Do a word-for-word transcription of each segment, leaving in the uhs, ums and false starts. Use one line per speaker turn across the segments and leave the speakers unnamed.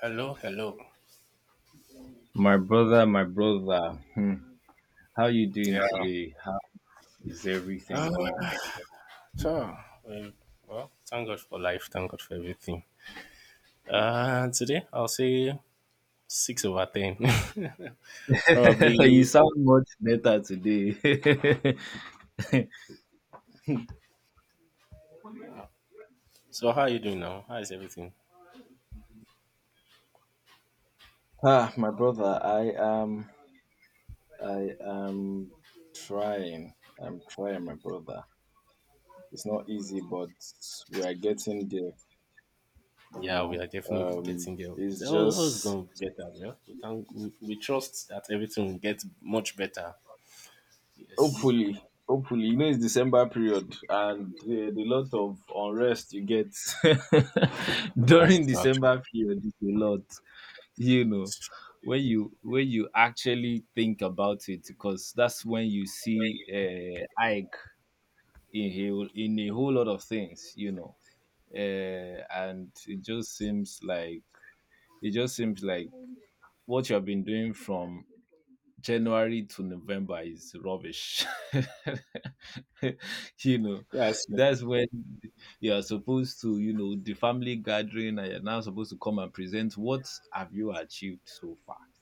Hello, hello.
My brother, my brother, hmm, how you doing
Yeah.
today? How is everything going?
So, um, well, thank God for life. Thank God for everything. Uh, today I'll say six over ten,
You
probably.
sound much better today.
So, how are you doing now? How is everything?
Ah, my brother, I am, I am trying. I'm trying, my brother. It's not easy, but we are getting there, you
Yeah, we
know.
are definitely
Um,
getting there. It's
it's
al- always
just
going to get better. Yeah, we, thank, we, we trust that everything will get much better. Yes,
Hopefully, hopefully, you know it's December period, and the, the lot of unrest you get during
that's true.
December period is a lot. You know,
It's true.
when you when you actually think about it, because that's when you see uh, Ike in a whole- in a whole lot of things. You know, uh, and it just seems like it just seems like what you have been doing from January to November is rubbish. you know,
Yes.
that's when you are supposed to, you know, the family gathering, and you're now supposed to come and present what have you achieved so far.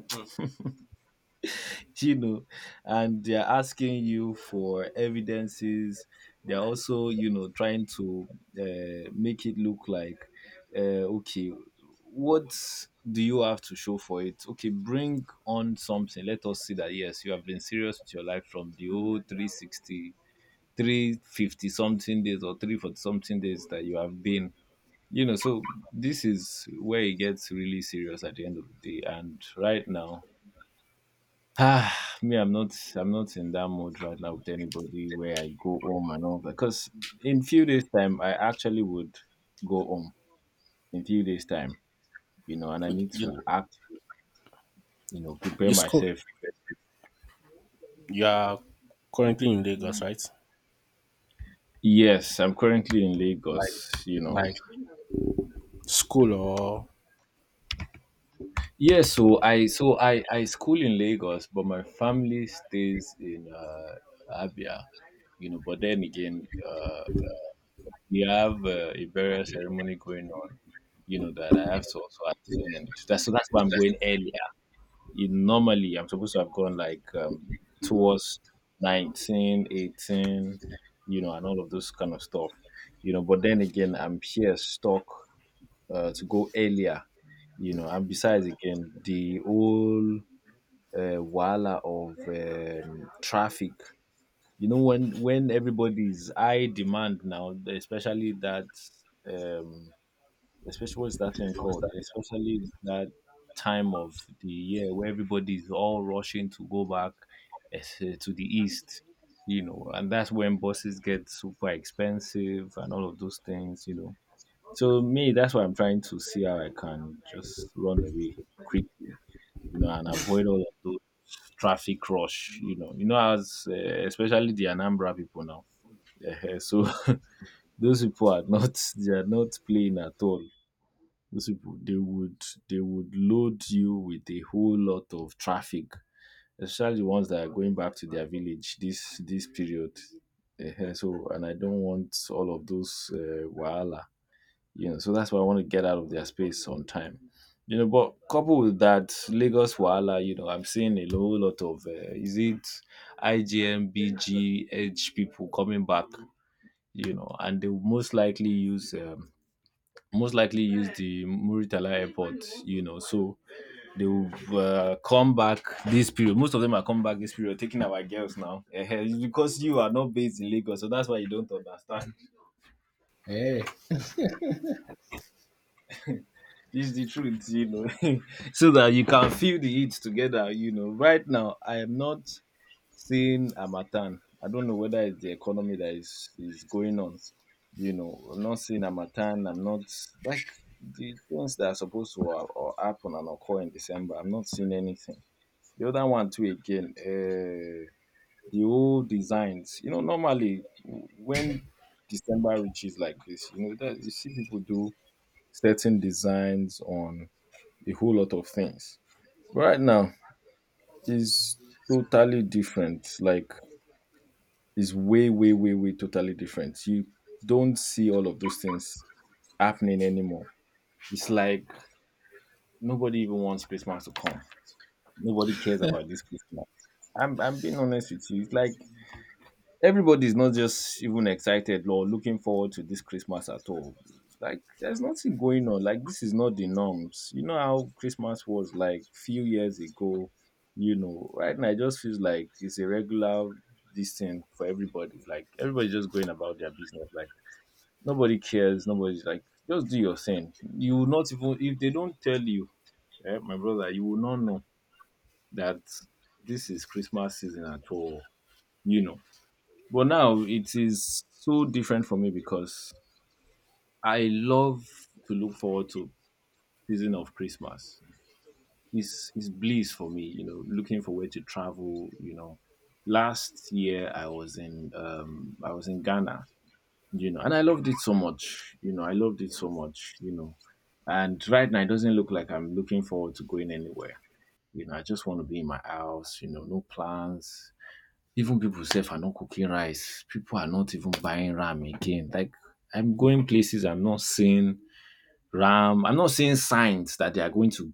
Mm.
you know, and they're asking you for evidences. They're also, you know, trying to uh, make it look like, uh, okay, what do you have to show for it? Okay, bring on something. Let us see that, yes, you have been serious with your life from the old three sixty, three fifty something days or three forty something days that you have been. You know, so this is where it gets really serious at the end of the day. And right now, Ah, me, I'm not, I'm not in that mode right now with anybody where I go home and all that. Because in few days time, I actually would go home in few days time, you know, and I
Okay,
need
You,
to act, you know, prepare
you school.
myself.
You are currently in Lagos, right?
Yes, I'm currently in
Like,
Lagos, you know.
like school or
Yes, so I, so I, I school in Lagos, but my family stays in uh, Abia, you know. But then again, uh, you have uh, a burial ceremony going on, you know, that I have to also attend. That's, so that's why I'm going earlier. You, normally, I'm supposed to have gone like um, towards nineteen, eighteen, you know, and all of those kind of stuff, you know. But then again, I'm here stuck uh, to go earlier, you know. And besides, again, the whole uh, wala of um, traffic you know when when everybody's high demand now especially that um especially what's that thing called especially that time of the year where everybody's all rushing to go back es- eh, to the east you know and that's when buses get super expensive and all of those things you know So me, that's what I'm trying to see how I can just run away quickly you know, and avoid all of those traffic rush. You know, you know, as uh, especially the Anambra people now. Eh, so those people are not they are not playing at all. Those people they would they would load you with a whole lot of traffic, especially the ones that are going back to their village this this period. Eh, so and I don't want all of those uh, wahala you know so that's why I want to get out of their space on time you know but coupled with that Lagos wahala you know I'm seeing a whole lot of uh, is it igm bg edge people coming back you know and they will most likely use um, most likely use the Muritala airport you know so they will uh, come back this period, most of them are coming back this period taking our girls now. Eh, eh, it's because you are not based in Lagos, so that's why you don't understand.
Hey.
It's the truth, you know, so that you can feel the heat together, you know. Right now, I am not seeing Amatan. I don't know whether it's the economy that is, is going on, you know. I'm not seeing Amatan. I'm not like the things that are supposed to or, or happen and occur in December. I'm not seeing anything. The other one, too, again, uh, the old designs, you know, normally when December reaches like this, you know, that you see people do certain designs on a whole lot of things. But right now, it's totally different. Like, it's way, way, way, way totally different. You don't see all of those things happening anymore. It's like nobody even wants Christmas to come. Nobody cares about this Christmas. I'm, I'm being honest with you. It's like everybody is not just even excited or looking forward to this Christmas at all. Like there's nothing going on. Like this is not the norms. You know how Christmas was like few years ago. You know, right now it just feels like it's a regular this thing for everybody. Like everybody's just going about their business. Like nobody cares. Nobody's like just do your thing. You will not even if they don't tell you, eh, my brother, you will not know that this is Christmas season at all. You know but now it is so different for me because I love to look forward to season of Christmas. It's it's bliss for me, you know, looking for where to travel, you know. Last year I was in um I was in Ghana, you know, and I loved it so much, you know, I loved it so much, you know. And right now it doesn't look like I'm looking forward to going anywhere. You know, I just want to be in my house, you know, no plans. Even people sef are not cooking rice. People are not even buying ram again. Like I'm going places, I'm not seeing ram. I'm not seeing signs that they are going to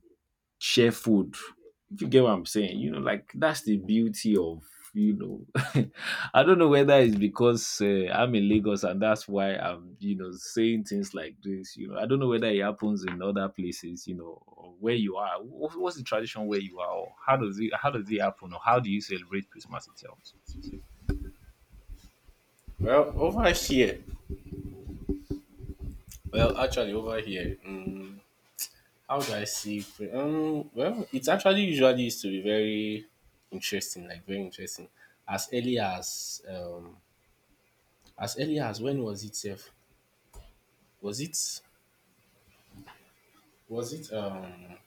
share food. If you get what I'm saying, you know, like that's the beauty of you know. I don't know whether it's because uh, I'm in Lagos and that's why I'm you know saying things like this. You know, I don't know whether it happens in other places. You know, or where you are. Wha- What's the tradition where you are? Or how does it how does it happen? Or how do you celebrate Christmas itself?
Well, over here. Well, actually, over here. Um, how do I see? Pre- Um, well, it actually usually used to be very interesting, like very interesting. As early as um, as early as when was it? Sef? Was it? Was it? Um,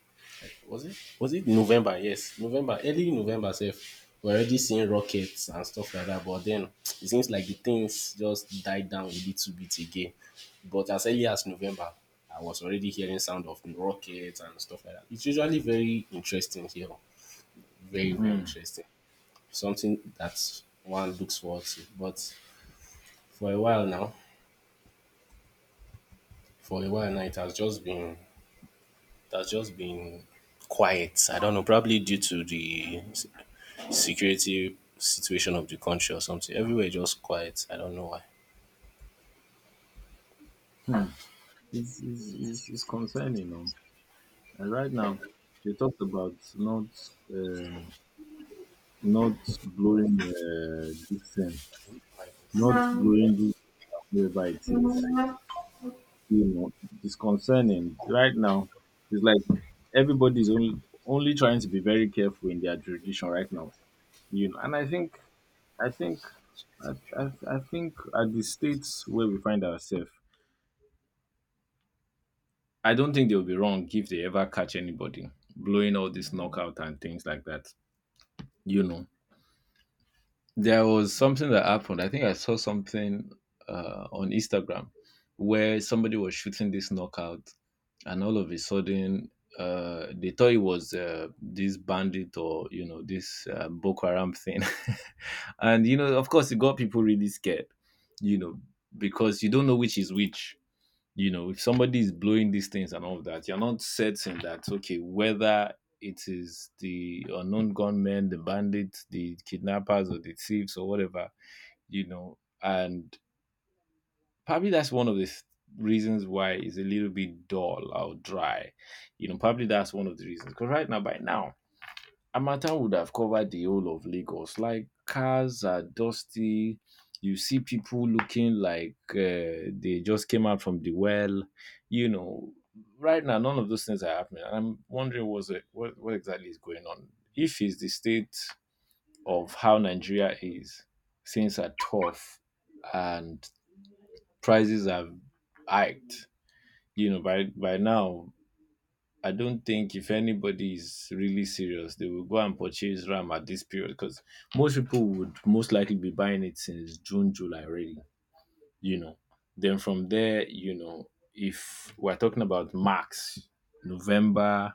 was it was it November? Yes, November, early November Safe. We're already seeing rockets and stuff like that, but then it seems like the things just died down a little bit again. But as early as November, I was already hearing sound of rockets and stuff like that. It's usually very interesting here, very very interesting. Something that one looks forward to. But for a while now, for a while now, it has just been it has just been quiet. I don't know, probably due to the security situation of the country or something. Everywhere is just quiet. I don't know why.
Hmm. It's, it's, it's, it's concerning. Um, and right now, they talked about not um, not blowing uh, this thing, not blowing this wherever it is. You know, it's concerning. Right now, it's like everybody's only only trying to be very careful in their tradition right now. You know, and I think, I think, I, I, I think at the states where we find ourselves. I don't think they'll be wrong if they ever catch anybody blowing all this knockout and things like that. You know, there was something that happened. I think I saw something uh, on Instagram where somebody was shooting this knockout, and all of a sudden, uh, they thought it was uh, this bandit or you know this uh, Boko Haram thing, and you know, of course, it got people really scared. You know, because you don't know which is which, you know if somebody is blowing these things and all of that, you're not certain that okay, whether it is the unknown gunmen, the bandits, the kidnappers, or the thieves, or whatever, you know and probably that's one of the th- reasons why it's a little bit dull or dry. You know probably that's one of the reasons, because right now, by now, Harmattan would have covered the whole of Lagos. Like cars are dusty. You see people looking like uh, they just came out from the well. You know, right now none of those things are happening. And I'm wondering what's it, what what exactly is going on. If it's the state of how Nigeria is, things are tough and prices have hiked. You know, by by now I don't think if anybody is really serious, they will go and purchase RAM at this period because most people would most likely be buying it since June, July already, you know. Then from there, you know, if we're talking about max, November,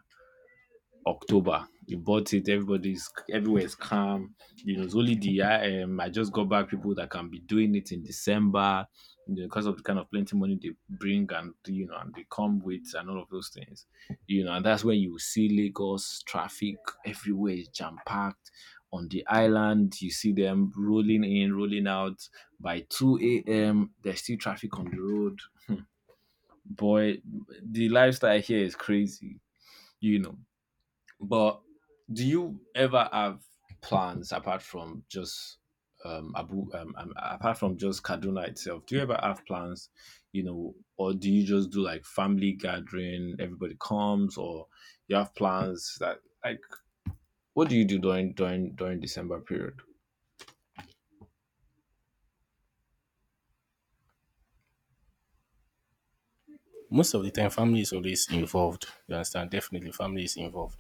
October, you bought it. Everybody's, everywhere is calm. You know, it's only the I, um, I just got back people that can be doing it in December, you know, because of the kind of plenty money they bring and you know and they come with and all of those things. You know, and that's when you see Lagos traffic everywhere is jam packed. On the island, you see them rolling in, rolling out. By two a m, there's still traffic on the road. Boy, the lifestyle here is crazy, you know but do you ever have plans apart from just um, Abu, um, um, apart from just Kaduna itself? Do you ever have plans, you know, or do you just do like family gathering? Everybody comes, or you have plans that like what do you do during during during December period?
Most of the time, family is always involved. You understand? Definitely, family is involved.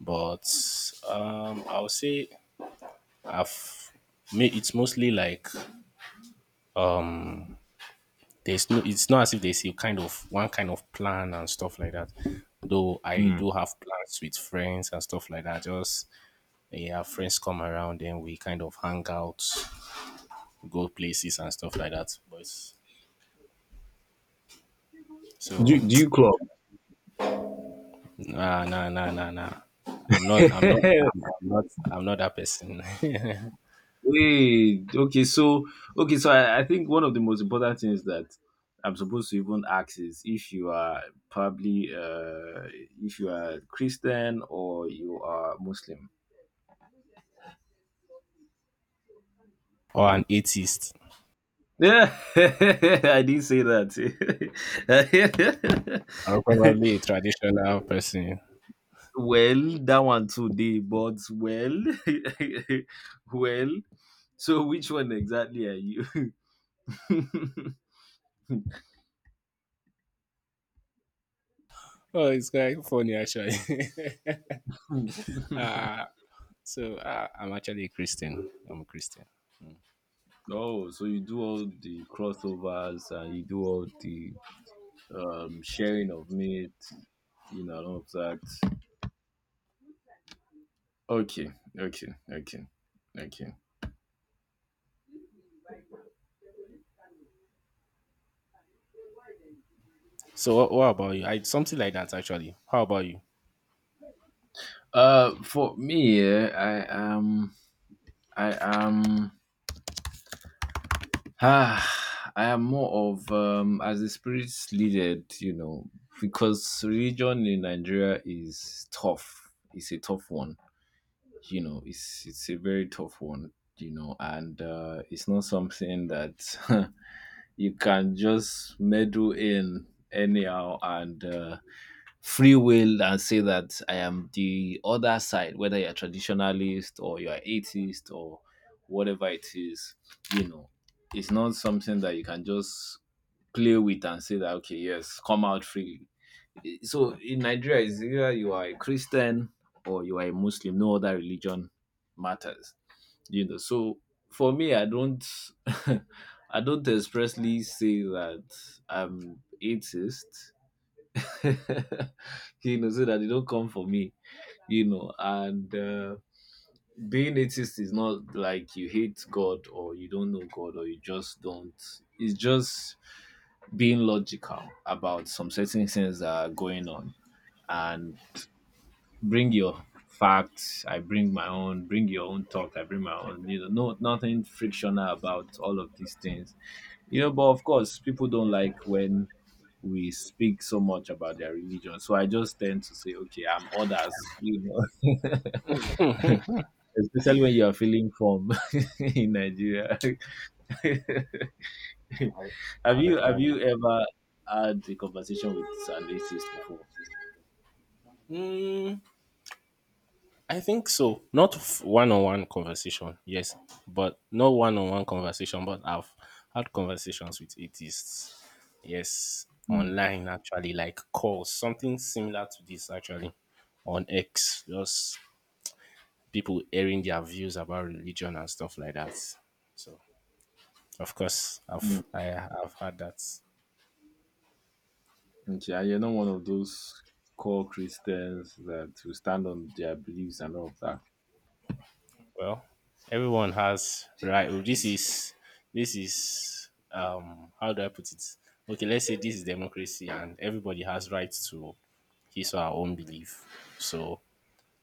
But um, I would say I've made it's mostly like um, there's no. It's not as if there's a kind of one kind of plan and stuff like that. Though I
Hmm.
do have plans with friends and stuff like that. Just yeah, friends come around, then we kind of hang out go places and stuff like that. But so
Do, do you
nah nah nah nah nah. I'm not I'm not
club?
I'm, I'm not I'm not that person.
Wait, okay, so okay, so I, I think one of the most important things that I'm supposed to even ask is if you are probably uh if you are Christian or you are Muslim.
or an atheist.
Yeah, I didn't say that.
Or probably a traditional person.
well, that one today, but well, well. So which one exactly are you?
Oh, it's quite funny actually. so uh, I'm actually a Christian. I'm a Christian.
Oh, so you do all the crossovers and you do all the um sharing of meat, you know, and all of that. Okay, okay, okay, okay.
So what, what about you? I something like that actually. How about you?
Uh, for me, eh, I am, I am, ah, I am more of um as the spirits leaded, you know, because religion in Nigeria is tough. It's a tough one, you know. It's it's a very tough one you know, and uh, it's not something that you can just meddle in anyhow and uh, free will and say that I am the other side, whether you're traditionalist or you're atheist or whatever it is, you know, it's not something that you can just play with and say that okay, yes, come out freely. So in Nigeria, is either you are a Christian or you are a Muslim. No other religion matters. You know. So for me, I don't, I don't expressly say that I'm atheist. you know, so that they don't come for me. You know, and uh, being atheist is not like you hate God or you don't know God or you just don't. It's just being logical about some certain things that are going on. And bring your facts, I bring my own, bring your own thought, I bring my own, you know no, nothing frictional about all of these things, you know but of course people don't like when we speak so much about their religion, so I just tend to say okay, I'm others, you know especially when you are feeling form in Nigeria.
I, I
have you have
understand it.
you ever had a conversation with an atheist before?
Hmm. I think so. Not one on one conversation, yes, but not one on one conversation. But I've had conversations with atheists, yes,
Mm.
online actually, like calls, something similar to this actually on X, just people airing their views about religion and stuff like that. So, of course, I've I have had that.
Okay, and you're not one of those core Christians that will stand on their beliefs and all of that.
Well, everyone has right. Oh, This is this is um how do I put it? Okay, let's say this is democracy and everybody has right to his or her own belief. So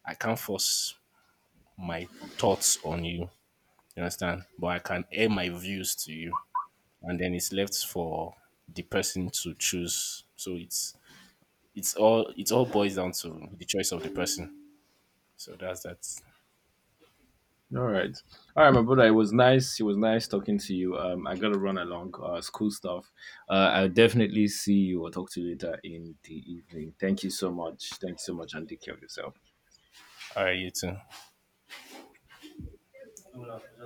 I can't force my thoughts on you. You understand? But I can air my views to you. And then it's left for the person to choose. So it's it's all it all boils down to the choice of the person. So that's that.
All right, all right, my brother. It was nice. It was nice talking to you. Um, I gotta run along. Uh, school stuff. Uh, I'll definitely see you or talk to you later in the evening. Thank you so much. Thank you so much, and take care of yourself.
All right, you too.